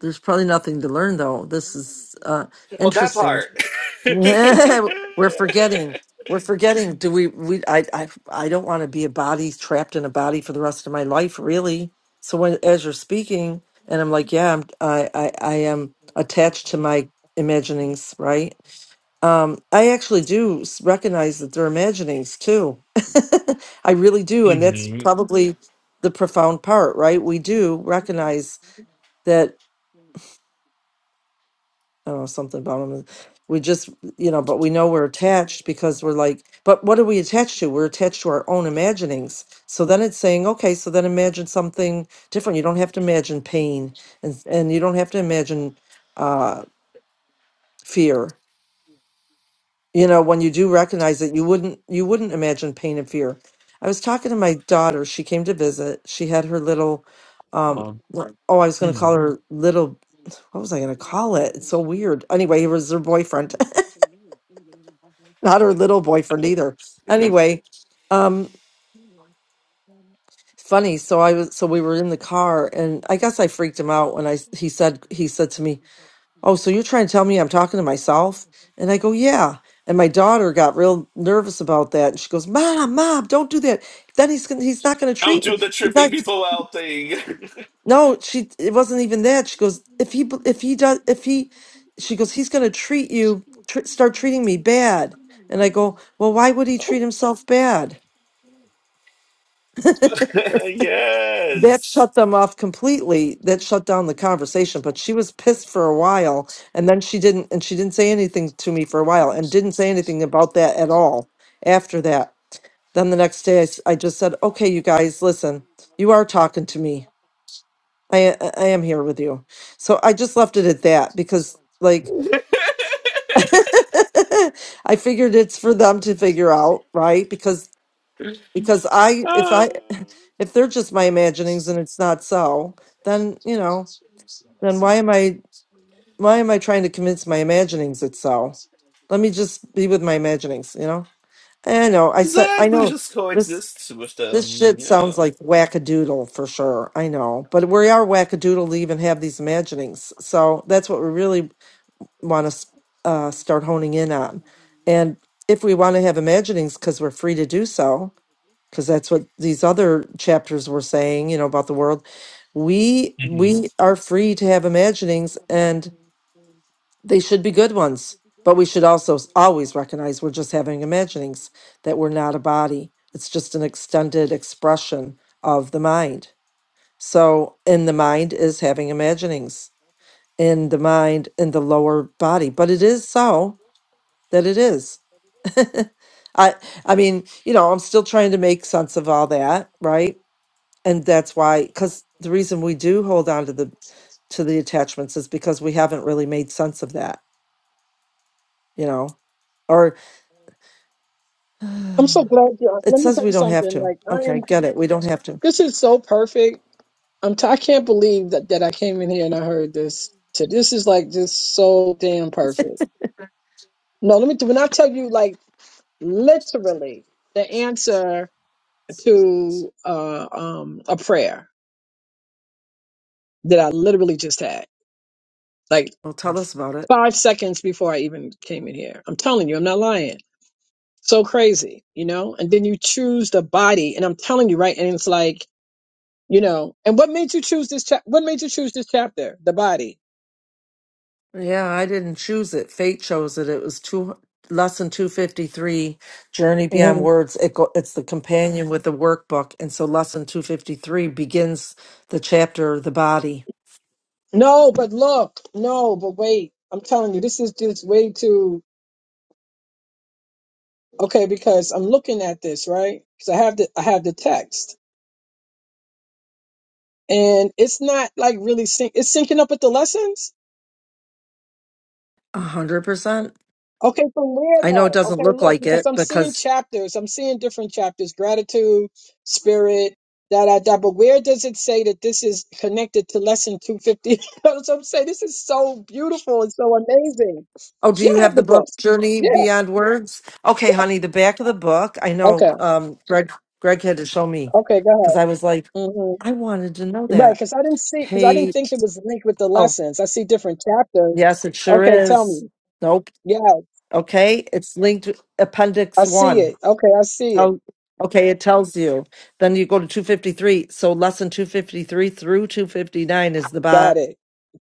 There's probably nothing to learn though. This is uh Oh, that interesting. part. We're forgetting. We're forgetting. Do we we I I I don't want to be a body trapped in a body for the rest of my life, really. So when as you're speaking and I'm like, yeah, I'm I I, I am attached to my imaginings, right? Um I actually do s- recognize that they're imaginings too. I really do, and that's Mhm. probably the profound part, right? We do recognize that I don't know something about them. We just, you know, but we know we're attached because we're like, but what are we attached to? We're attached to our own imaginings. So then it's saying, okay, so then imagine something different. You don't have to imagine pain, and and you don't have to imagine uh, fear. You know, when you do recognize that you wouldn't you wouldn't imagine pain and fear. I was talking to my daughter. She came to visit. She had her little, um, what- oh, I was going to call her little. What was I going to call it? It's so weird. Anyway, he was her boyfriend not her little boyfriend either. Anyway, um, funny. So I was, so we were in the car, and I guess I freaked him out when I s- he said he said to me, "Oh, so you're trying to tell me I'm talking to myself?" And I go, "Yeah." And my daughter got real nervous about that, and she goes, "Mom, mom, don't do that. Then he's gonna, he's not going to I'll treat me. do the He's tripping not." people out thing. No, she. It wasn't even that. She goes, "If he, b- if he does, if he," she goes, "He's going to treat you, tr- start treating me bad." And I go, "Well, why would he treat himself bad?" Okay. that yes. shut them off completely that shut down the conversation but she was pissed for a while and then she didn't and she didn't say anything to me for a while and didn't say anything about that at all after that then the next day i, s- I just said okay you guys listen you are talking to me i i I am here with you so i just left it at that because like i figured it's for them to figure out right because because I if Ah, I if they're just my imaginings and it's not so, then you know, then why am I why am I trying to convince my imaginings it's so? Let me just be with my imaginings, you know? I know, I said I exactly. know Just this coexist with this them. shit sounds Yeah. like wackadoodle for sure. I know. But we are wackadoodle to even have these imaginings. So that's what we really want to uh, start honing in on. And if we want to have imaginings because we're free to do so, because that's what these other chapters were saying, you know, about the world. We we are free to have imaginings and they should be good ones, but we should also s- always recognize we're just having imaginings that we're not a body. It's just an extended expression of the mind. So, and the mind is having imaginings in the mind in the lower body, but it is so that it is. I I mean, you know, I'm still trying to make sense of all that, right? and that's why because the reason we do hold on to the to the attachments is because we haven't really made sense of that you know or Um, it let me says tell we you don't have something. to Like I okay am, get it we don't have to this is so perfect. I'm, t- I can't believe that, that I came in here and I heard this. So This is like just so damn perfect. No, let me, when I tell you like literally the answer to, uh, um, a prayer that I literally just had, like well tell us about it five seconds before I even came in here. I'm telling you, I'm not lying. So crazy, you know? And then you choose the body, and I'm telling you, right? And it's like, you know, and what made you choose this chap? What made you choose this chapter? The body. yeah i didn't choose it fate chose it it was two lesson 253 journey beyond Mhm. words it go, it's the companion with the workbook and so lesson 253 begins the chapter the body No, but look, no, but wait. I'm telling you, this is just way too okay because I'm looking at this right because I have the I have the text, and it's not like really syn- it's syncing up with the lessons. a hundred percent Okay, from where i know it though? doesn't Okay, look look, like because it I'm seeing because chapters, I'm seeing different chapters, gratitude, spirit, da da da. But where does it say that this is connected to lesson 250? so I'm saying this is so beautiful and so amazing. Oh, do Yeah, you I have have the the book book. Journey Yeah. Beyond Words? Okay, honey, the back of the book. I know Okay. um Greg Greg had to show me Okay. Go because ahead. I was like, hmm I wanted to know Right, that. because I didn't see, because I didn't Page think it was linked with the oh lessons. I see different chapters. yes, it sure Okay, tell is. me. Nope. Yeah, Okay. It's linked to I appendix see one. it. Okay, I see it. Oh okay, it tells you. Then you go to two fifty three. So lesson two fifty three through two fifty nine is the bo- Got it.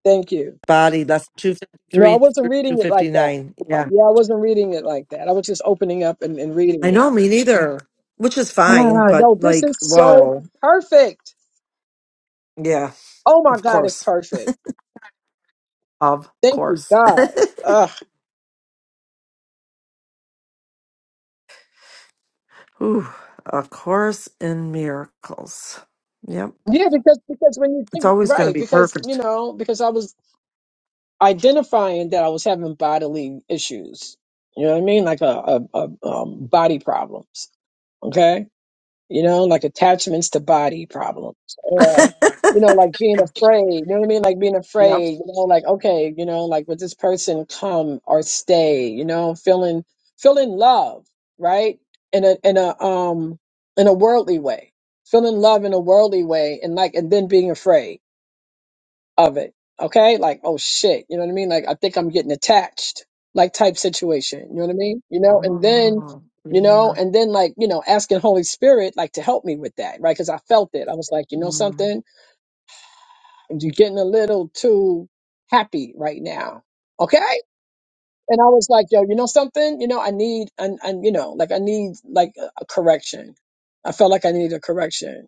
Thank you. body. Lesson two fifty No, three I through wasn't two reading it like fifty that. nine. Yeah, I wasn't reading it like that. I was just opening up and, and reading I know, it. me neither, which is fine, Ah, but no, this like, is so whoa. perfect. Yeah, Oh my of God, it's course. perfect. Of Thank you, course. God. Ugh. Ooh, A Course in Miracles. Yep. Yeah, because because when you It's think always going to right, be because you perfect. know, because I was identifying that I was having bodily issues. You know what I mean? Like a, a, a um, body problems. Okay you know, like attachments to body problems or, you know, like being afraid, you know what I mean? Like being yep. afraid, you know, like, okay, you know, like would this person come or stay, you know, feeling, feeling love, right? In a, in a, um, in a worldly way, feeling love in a worldly way and like, and then being afraid of it. Okay? Like, oh shit. You know what I mean? Like, I think I'm getting attached, like type situation. You know what I mean? You know, and then, Oh, you know, yeah. and then like, you know, asking Holy Spirit, like to help me with that, right? Cause I felt it. I was like, you know Mm, something? You're getting a little too happy right now. Okay? And I was like, yo, you know something? You know, I need, and, and, you know, like I need like a a correction. I felt like I needed a correction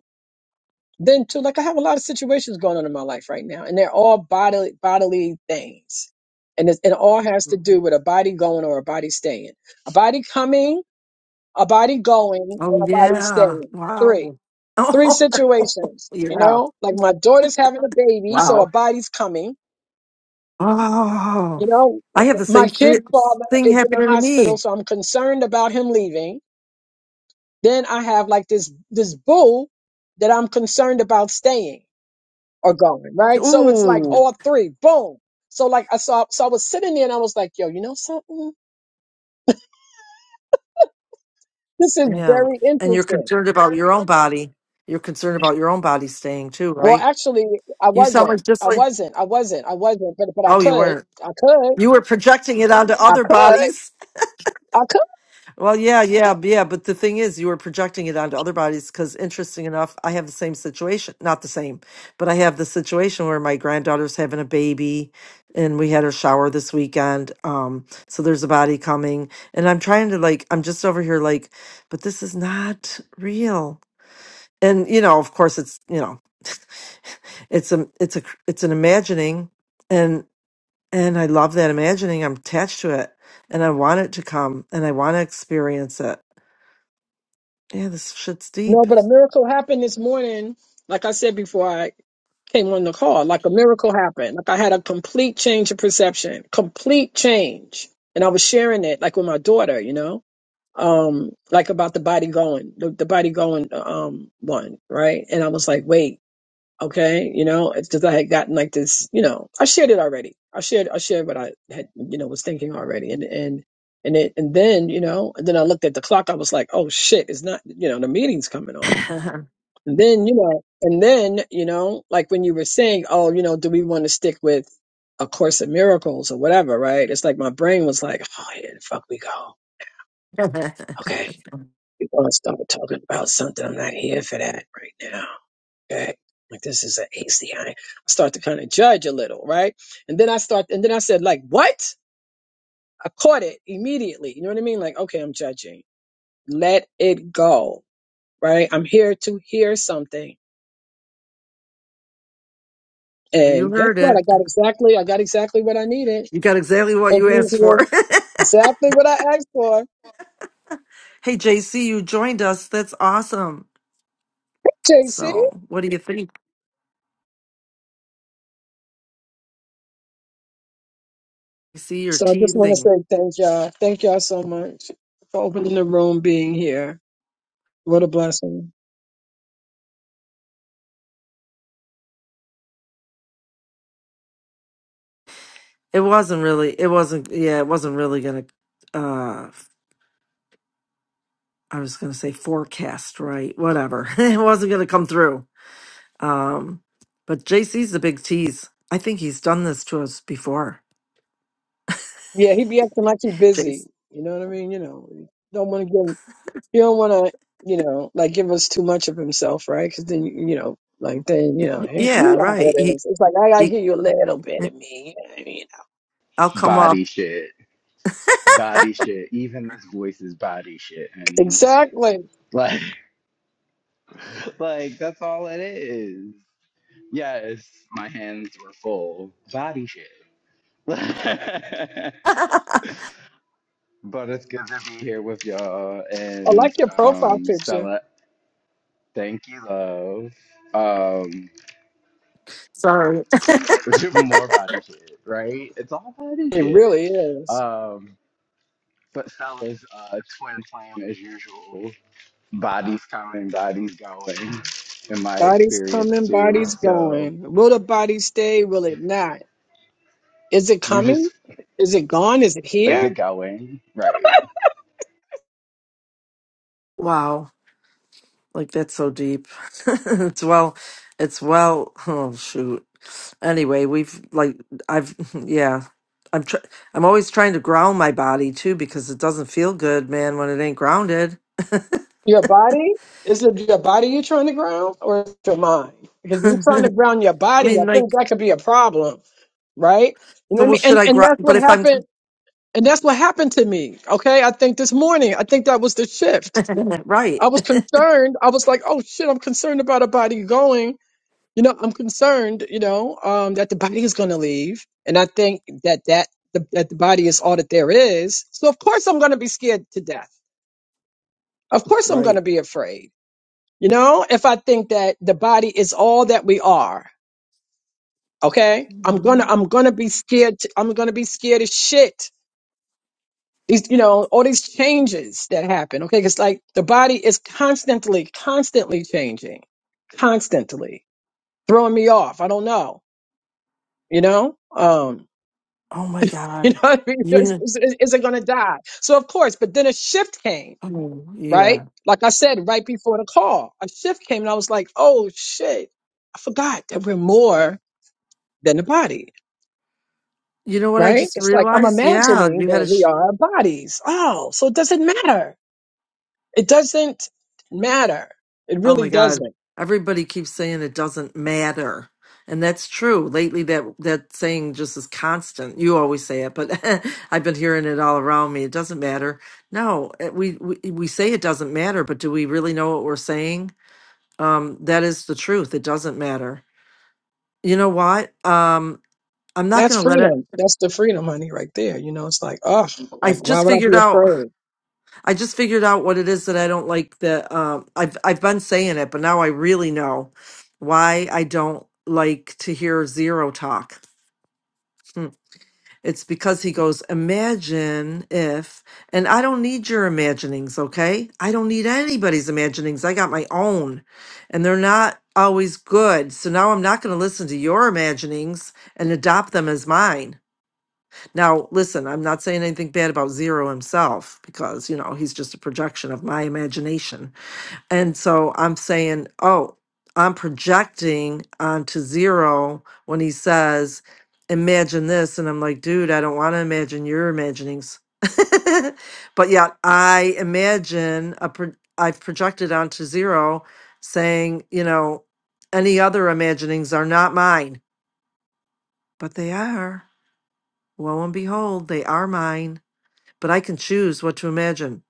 then too, like I have a lot of situations going on in my life right now, and they're all bodily bodily things, and it's, it all has to mm. do with a body going or a body staying, a body coming, a body going, and Oh, a body yeah. staying. Three, Wow. three Oh, situations. You yeah. know, like my daughter's having a baby, so a Wow. body's coming. Oh, You know, I have the same my fi- kid's father thing is in the happening to me. hospital, so I'm concerned about him leaving. Then I have like this this boo that I'm concerned about staying. are going, right? So it's like Ooh. all three, boom. So like I saw, so I was sitting there and I was like, yo, you know something? This is Yeah. very And you're interesting. concerned about your own body. You're concerned about your own body staying too, Well, right? actually, I You sound wasn't. like just I like, wasn't. I wasn't. I wasn't. But but I oh, you could. weren't. I could. You were projecting it onto I other could. bodies. I could. Well, yeah, yeah, yeah. But the thing is, you were projecting it onto other bodies because, interesting enough, I have the same situation. Not the same, but I have the situation where my granddaughter's having a baby and we had her shower this weekend. Um, so there's a body coming. And I'm trying to, like, I'm just over here, like, but this is not real and you know of course it's you know It's a it's a it's an imagining, and and I love that imagining. I'm attached to it, and I want it to come, and I want to experience it. Yeah, this shit's deep. No, but a miracle happened this morning. Like I said before, I came on the call. Like a miracle happened. Like I had a complete change of perception. Complete change. And I was sharing it like with my daughter, you know. um like about the body going the, the body going um one right and i was like wait okay you know it's because i had gotten like this you know i shared it already i shared i shared what i had you know was thinking already and and and it and then you know and then i looked at the clock i was like oh shit it's not you know the meeting's coming on and then you know and then you know like when you were saying oh you know do we want to stick with a course of miracles or whatever right it's like my brain was like oh yeah fuck we go okay we're gonna start talking about something. I'm not here for that right now. Okay. Like this is an ACI. I start to kind of judge a little, right? And then I start and then I said, like, what? I caught it immediately. You know what I mean? Like, okay, I'm judging. Let it go. Right? I'm here to hear something. You And guess heard it. what? I got exactly I got exactly what I needed. You got exactly what And you you asked for. know, exactly what I asked for. hey, JC, you joined us. That's awesome. JC. So, what do you think? You see your So I just want to teasing. say thank y'all. Thank y'all so much for opening the room, being here. What a blessing. It wasn't really, it wasn't, yeah, it wasn't really going to, uh, I was going to say forecast, right? Whatever. it wasn't going to come through. Um, but JC's a big tease. I think he's done this to us before. Yeah, he be acting like he busy. JC. You know what I mean? You know, he don't want to give. You don't want to, you know, like give us too much of himself, right? Because then, you you know, like then, you know, he- you Yeah, know how right. it He, is. It's like I gotta he, give you a little bit mm, of me. You know what I mean? I'll come up. Body shit. Body shit. Even this voice is body shit, honey. Exactly. Like, like that's all it is. Yes, my hands were full. Body shit. but it's good to be here with y'all I and like your profile um picture. Stella. Thank you, love. Um, Sorry. let's do more body shit, right? It's all body It shit. really is. Um, but Stella's uh, twin flame as usual. bodies coming, bodies going, in my Bodies experience coming, too. bodies So going. Will the body stay? Will it not? Is it you coming? just, Is it gone? Is it is here? it going? Right. Wow. Like that's so deep. it's well, it's well, oh shoot. Anyway, we've like, I've, yeah. I'm tr- I'm always trying to ground my body too because it doesn't feel good, man, when it ain't grounded. Your body? Is it your body you're trying to ground or is it your mind? Because if you're trying to I ground your body, I mean, think like, that could be a problem, right? You know so what I well, mean? should And I and ground? that's But what if I'm happened and that's what happened to me. Okay. I think this morning, I think that was the shift. right, I was concerned. I was like, oh shit, I'm concerned about a body going. You know, I'm concerned, you know, um, that the body is gonna leave. And I think that that the, that the body is all that there is. So of course I'm gonna be scared to death. Of course I'm right. gonna be afraid you know, if I think that the body is all that we are, okay, I'm Mm-hmm. gonna I'm gonna be scared. To, I'm gonna be scared of shit. These, you know, all these changes that happen, okay, because like the body is constantly, constantly changing, constantly throwing me off. I don't know, you know, um, Oh my you know, God. what I mean? You is, know, is is it gonna die? So of course, but then a shift came, oh, right? yeah. Like I said, right before the call, a shift came, and I was like, oh shit, I forgot that we're more. than the body, You know what I right? just It's like I'm realized? Yeah, imagining you had that a. we Sh- are bodies. Oh, so it doesn't matter. It doesn't matter. It oh really my God. doesn't. Everybody keeps saying it doesn't matter. And that's true. Lately, that that saying just is constant. You always say it, but I've been hearing it all around me. It doesn't matter. No, it- we we, we say it doesn't matter, but do we really know what we're saying? Um, that is the truth. It doesn't matter. You know what? Um, I'm not going That's to let it. freedom. That's the freedom, honey, right there. You know, it's like, oh, I like why just would I figured be out. afraid? I just figured out what it is that I don't like. That um, I've I've been saying it, but now I really know why I don't like to hear zero talk. Hmm. It's because he goes, imagine if, and I don't need your imaginings, okay? I don't need anybody's imaginings. I got my own, and they're not always good. So now I'm not going to listen to your imaginings and adopt them as mine. Now, listen, I'm not saying anything bad about Zero himself because, you know, he's just a projection of my imagination. And so I'm saying, oh, I'm projecting onto Zero when he says, imagine this. And I'm like, dude, I don't want to imagine your imaginings. but yet I imagine a pro- I've projected onto Zero saying, you know, any other imaginings are not mine, but they are. Lo and behold, they are mine but I can choose what to imagine.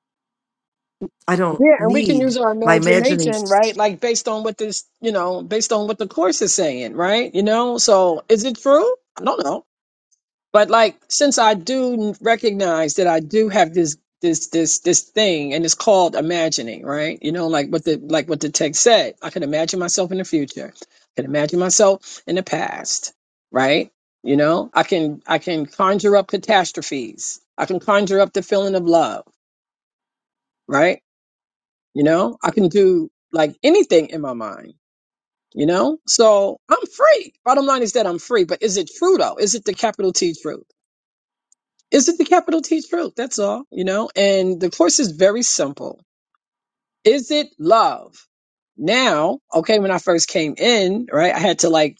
I don't Yeah, and we can use need our my imagining. imagination, right? Like based on what this, you know, based on what the course is saying, right? You know, so is it true? I don't know. but like since i do recognize that i do have this this this this thing and it's called imagining right you know like what the like what the text said i can imagine myself in the future i can imagine myself in the past right you know i can i can conjure up catastrophes i can conjure up the feeling of love right you know i can do like anything in my mind you know so i'm free bottom line is that i'm free but is it true though is it the capital t truth Is it the capital T truth? That's all, you know? And the course is very simple. Is it love? Now, okay, when I first came in, right, I had to like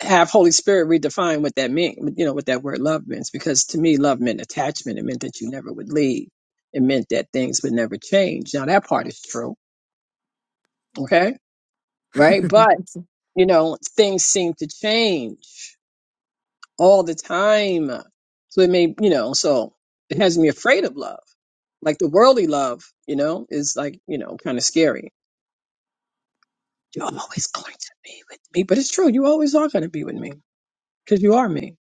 have Holy Spirit redefine what that meant, you know, what that word love means, because to me, love meant attachment. It meant that you never would leave. It meant that things would never change. Now, that part is true, okay, right? But, you know, things seem to change all the time. So it may, you know, so it has me afraid of love. Like the worldly love, you know, is like, you know, kind of scary. You're always going to be with me, but it's true. You always are going to be with me because you are me,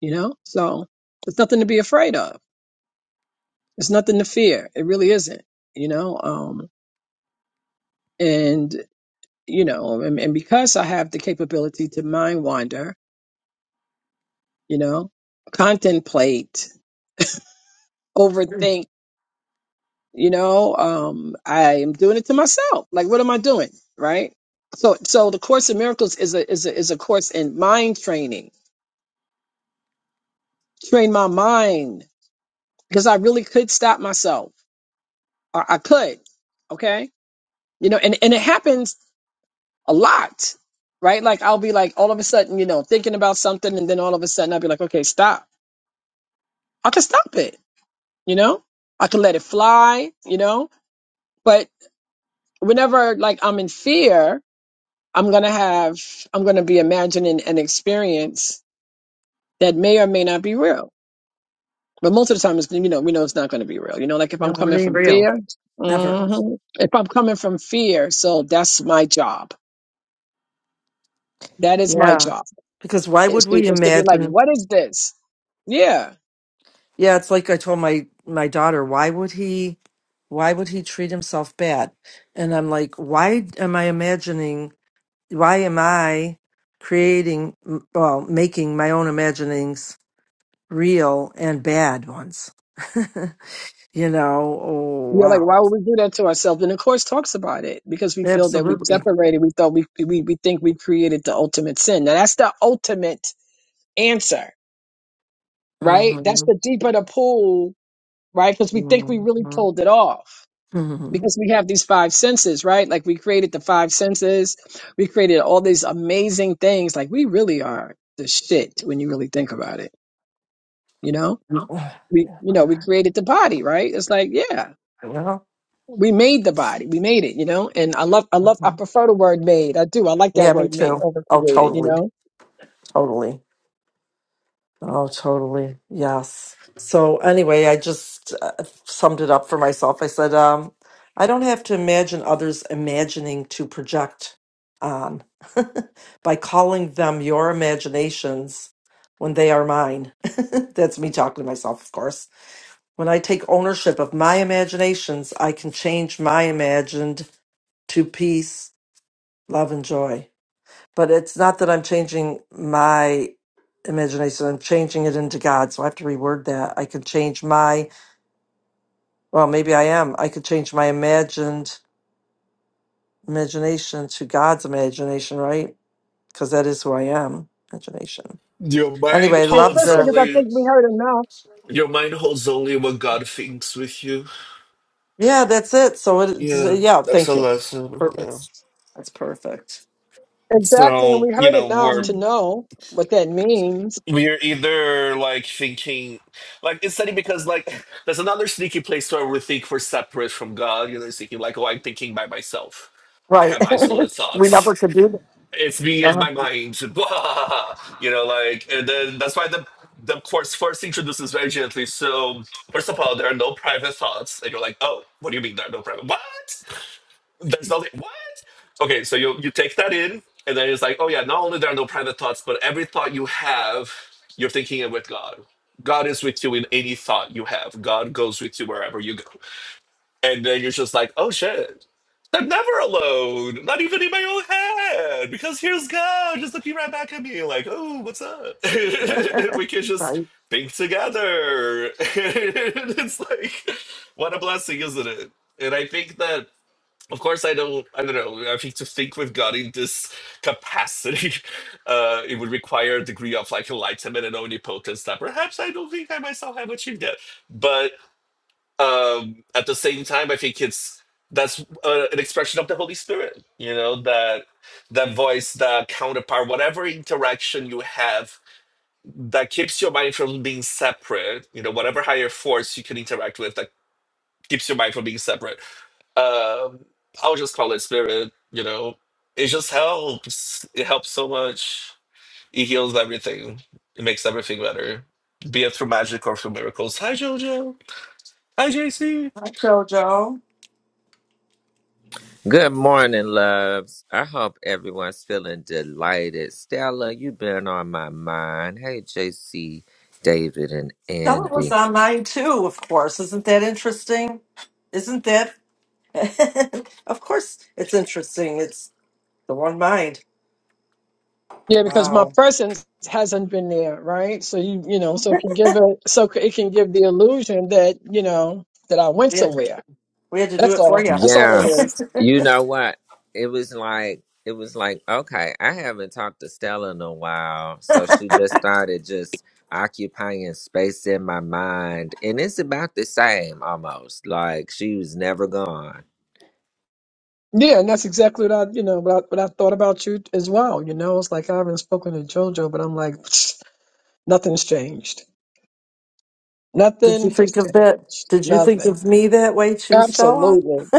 you know? So there's nothing to be afraid of. There's nothing to fear. It really isn't, you know? Um, and, you know, and, and because I have the capability to mind wander, you know, contemplate, overthink, you know um i am doing it to myself like what am i doing right so so the course in miracles is a is a is a course in mind training train my mind because i really could stop myself or i could okay you know and and it happens a lot right like i'll be like all of a sudden you know thinking about something and then all of a sudden i'll be like okay stop i can stop it you know i can let it fly you know but whenever like i'm in fear I'm going to have, I'm going to be imagining an experience that may or may not be real. But most of the time, it's, you know, we know it's not going to be real. You know, like if I'm No, it coming ain't from real. fear, Never. hmm if I'm coming from fear, so that's my job. That is my Yeah. job Because why is would to, we is to be like, imagine? what is this? Yeah. Yeah, it's like I told my my daughter, why would he why would he treat himself bad? And I'm like, why am I imagining why am I creating m- well, making my own imaginings real and bad ones? you know, oh You're like, wow. why would we do that to ourselves? And the course talks about it because we feel that we Absolutely. separated. We thought we, we, we think we created the ultimate sin. Now that's the ultimate answer, right? Mm-hmm. That's the deeper the pool right? Because we think we Mhm. really pulled it off Mhm. because we have these five senses, right? Like we created the five senses, we created all these amazing things. Like we really are the shit when you really think about it, you know? Well, We, you know, we created the body, right? It's like, yeah, we made the body, we made it, you know? And I love, I love, I uh-huh. prefer the word made. I do. I like that yeah, me word made too. over Oh, created, you totally, know? totally. Oh, totally. Yes. So anyway, I just uh, summed it up for myself. I said, um, I don't have to imagine others imagining to project on by calling them your imaginations when they are mine. That's me talking to myself, of course. When I take ownership of my imaginations, I can change my imagined to peace, love, and joy. But it's not that I'm changing my imagination, I'm changing it into God. So I have to reword that. I can change my, well, maybe I am. I could change my imagined imagination to God's imagination, right? Because that is who I am, imagination. Your mind Anyway, The love holds first thing the, is, I only think we heard enough. your mind holds only what God thinks with you. yeah, that's it. So it, Yeah, yeah, that's thank a you. lesson. Yeah. Perfect. That's perfect. Exactly, and So, we you heard know, enough we're to Mm. know what that means. we're either like thinking like it's funny because like there's another sneaky place where we think we're separate from God, you know, it's thinking like, oh I'm thinking by myself. I Right. have isolate we thoughts. never could do that. it's me and my mind. you know, like and then that's why the the course first introduces very gently. So first of all, there are no private thoughts, and you're like, oh, what do you mean there are no private? What? There's nothing. What? Okay, so you you take that in, and then it's like, oh yeah, not only there are no private thoughts, but every thought you have, you're thinking it with God. God is with you in any thought you have. God goes with you wherever you go. And then you're just like, oh shit, I'm never alone. Not even in my own head. Because here's God just looking right back at me, like, oh, what's up? and Uh-huh. we can just right. think together. and it's like, what a blessing, isn't it? And I think that. Of course, I don't. I don't know. I think to think with God in this capacity, uh, it would require a degree of like enlightenment and omnipotence that perhaps I don't think I myself have achieved yet. But um, at the same time, I think it's that's uh, an expression of the Holy Spirit. You know that that voice, that counterpart, whatever interaction you have that keeps your mind from being separate. You know, whatever higher force you can interact with that keeps your mind from being separate. Um, I'll just call it spirit. You know, it just helps. It helps so much. It heals everything. It makes everything better, be it through magic or through miracles. Hi, Jojo. Hi, JC. Jojo. Good morning, loves. I hope everyone's feeling delighted. Stella, you've been on my mind. Hey, JC, David, and Stella was Andy. on mine too, of course. Isn't that interesting? Isn't that? of course, it's interesting. It's the one mind. Yeah, because my Wow. presence hasn't been there, right? So you, you know, so it can give a, so it can give the illusion that you know that I went We had, somewhere. we had to do That's it for all. you. That's all that Yes. Did is. You know what? It was like, it was like, okay, I haven't talked to Stella in a while. So she just started just occupying space in my mind. And it's about the same almost. Like she was never gone. Yeah, and that's exactly what I, you know, what I, what I thought about you as well. You know, it's like I haven't spoken to JoJo, but I'm like, nothing's changed. you Nothing think has of that? changed. Did you think Nothing. of me that way too, Stella? Absolutely.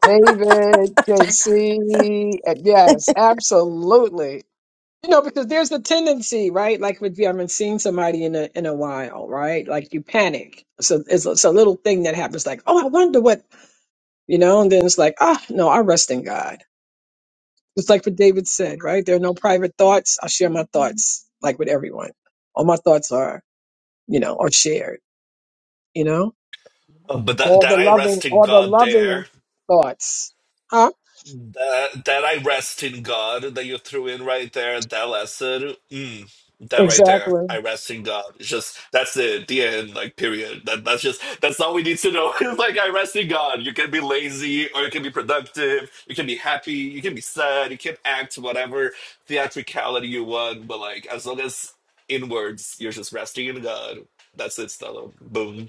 David, JC, uh, yes, absolutely. You know, because there's a tendency, right? Like if you haven't seen somebody in a in a while, right? Like you panic. So it's, a- it's a little thing that happens, like, oh, I wonder what, you know, and then it's like, ah, no, I rest in God Just like what David said, right? There are no private thoughts. I share my thoughts like with everyone. All my thoughts are, you know, are shared, you know? Uh, But that, All that the I loving, rest in all the God loving there. thoughts. Huh? That, that I rest in God that you threw in right there. That lesson. Mm, that right there. Exactly. I rest in God. It's just, that's it. The end. Like, period. That That's just, that's all we need to know. It's like, I rest in God. You can be lazy or you can be productive. You can be happy. You can be sad. You can act whatever theatricality you want. But, like, as long as inwards, you're just resting in God. That's it, Stella. Boom.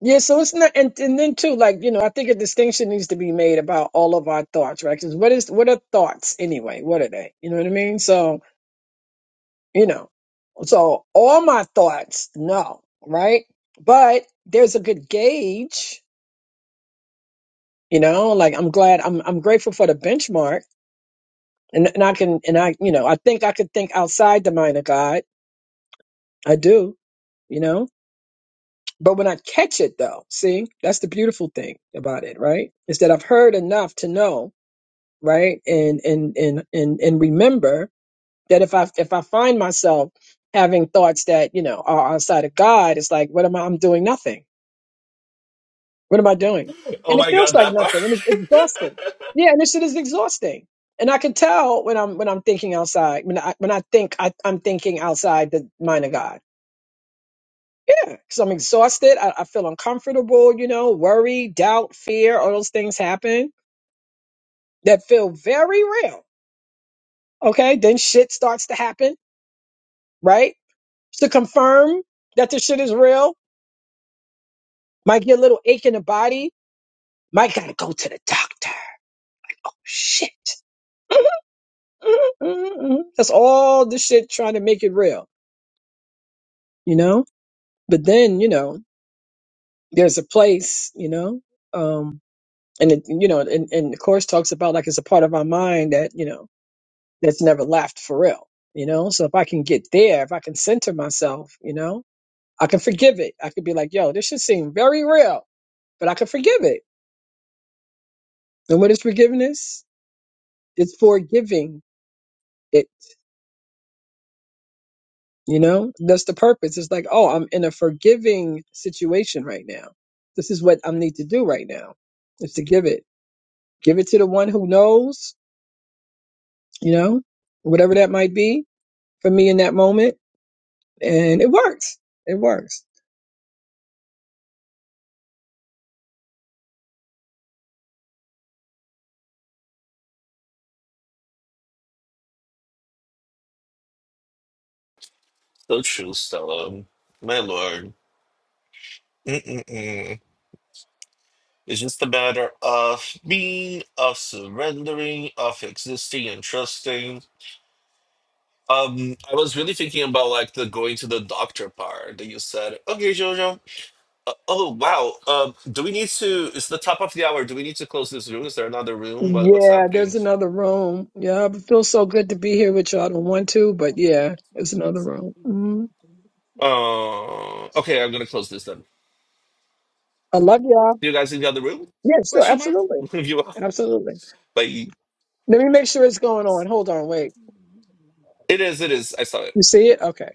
Yeah, so it's not, and, and then too, like, you know, I think a distinction needs to be made about all of our thoughts, right? Because what is, what are thoughts anyway? What are they? You know what I mean? So, you know, so all my thoughts, no, right? But there's a good gauge you know like i'm glad i'm i'm grateful for the benchmark and and i can and i you know i think i could think outside the mind of god i do you know but when i catch it though see that's the beautiful thing about it right is that i've heard enough to know right and and and and, and remember that if i if i find myself having thoughts that you know are outside of god it's like what am i i'm doing nothing What am I doing? Oh And it my feels God, like that part. nothing, and it's exhausting. Yeah, and this shit is exhausting. And I can tell when I'm when I'm thinking outside. When I when I think I, I'm thinking outside the mind of God. Yeah, because I'm exhausted. I, I feel uncomfortable. You know, worry, doubt, fear. All those things happen that feel very real. Okay, then shit starts to happen. Right to confirm that the shit is real. Might get a little ache in the body. Might gotta go to the doctor. Shit That's all the shit trying to make it real, you know? But then, you know, there's a place, you know, um, and it, you know, and, and the course talks about like it's a part of our mind that, you know, that's never left for real, you know? So if I can get there, if I can center myself, you know, I can forgive it. I could be like, yo, this should seem very real, but I can forgive it. And what is forgiveness? It's forgiving it You know, that's the purpose. It's like, oh, I'm in a forgiving situation right now. This is what I need to do right now is to give it, give it to the one who knows, you know, whatever that might be for me in that moment. And it works. It works. So true, Stella. My lord. Mm-mm-mm. It's just a matter of being, of surrendering, of existing and trusting. Um, I was really thinking about like the going to the doctor part that you said. Okay, Jojo. Uh, oh wow. Um, do we need to? It's the top of the hour. Do we need to close this room? Is there another room? What what's Yeah, happening? there's another room. Yeah, it feels so good to be here with y'all. I don't want to, but yeah, it's another room. Mhm. Uh, okay, I'm gonna close this then. I love y'all. See you guys in the other room? Yeah, sure. Question mark. Absolutely. If you are. Absolutely. Bye. Let me make sure it's going on. Hold on. Wait. It is. It is. I saw it. You see it? Okay.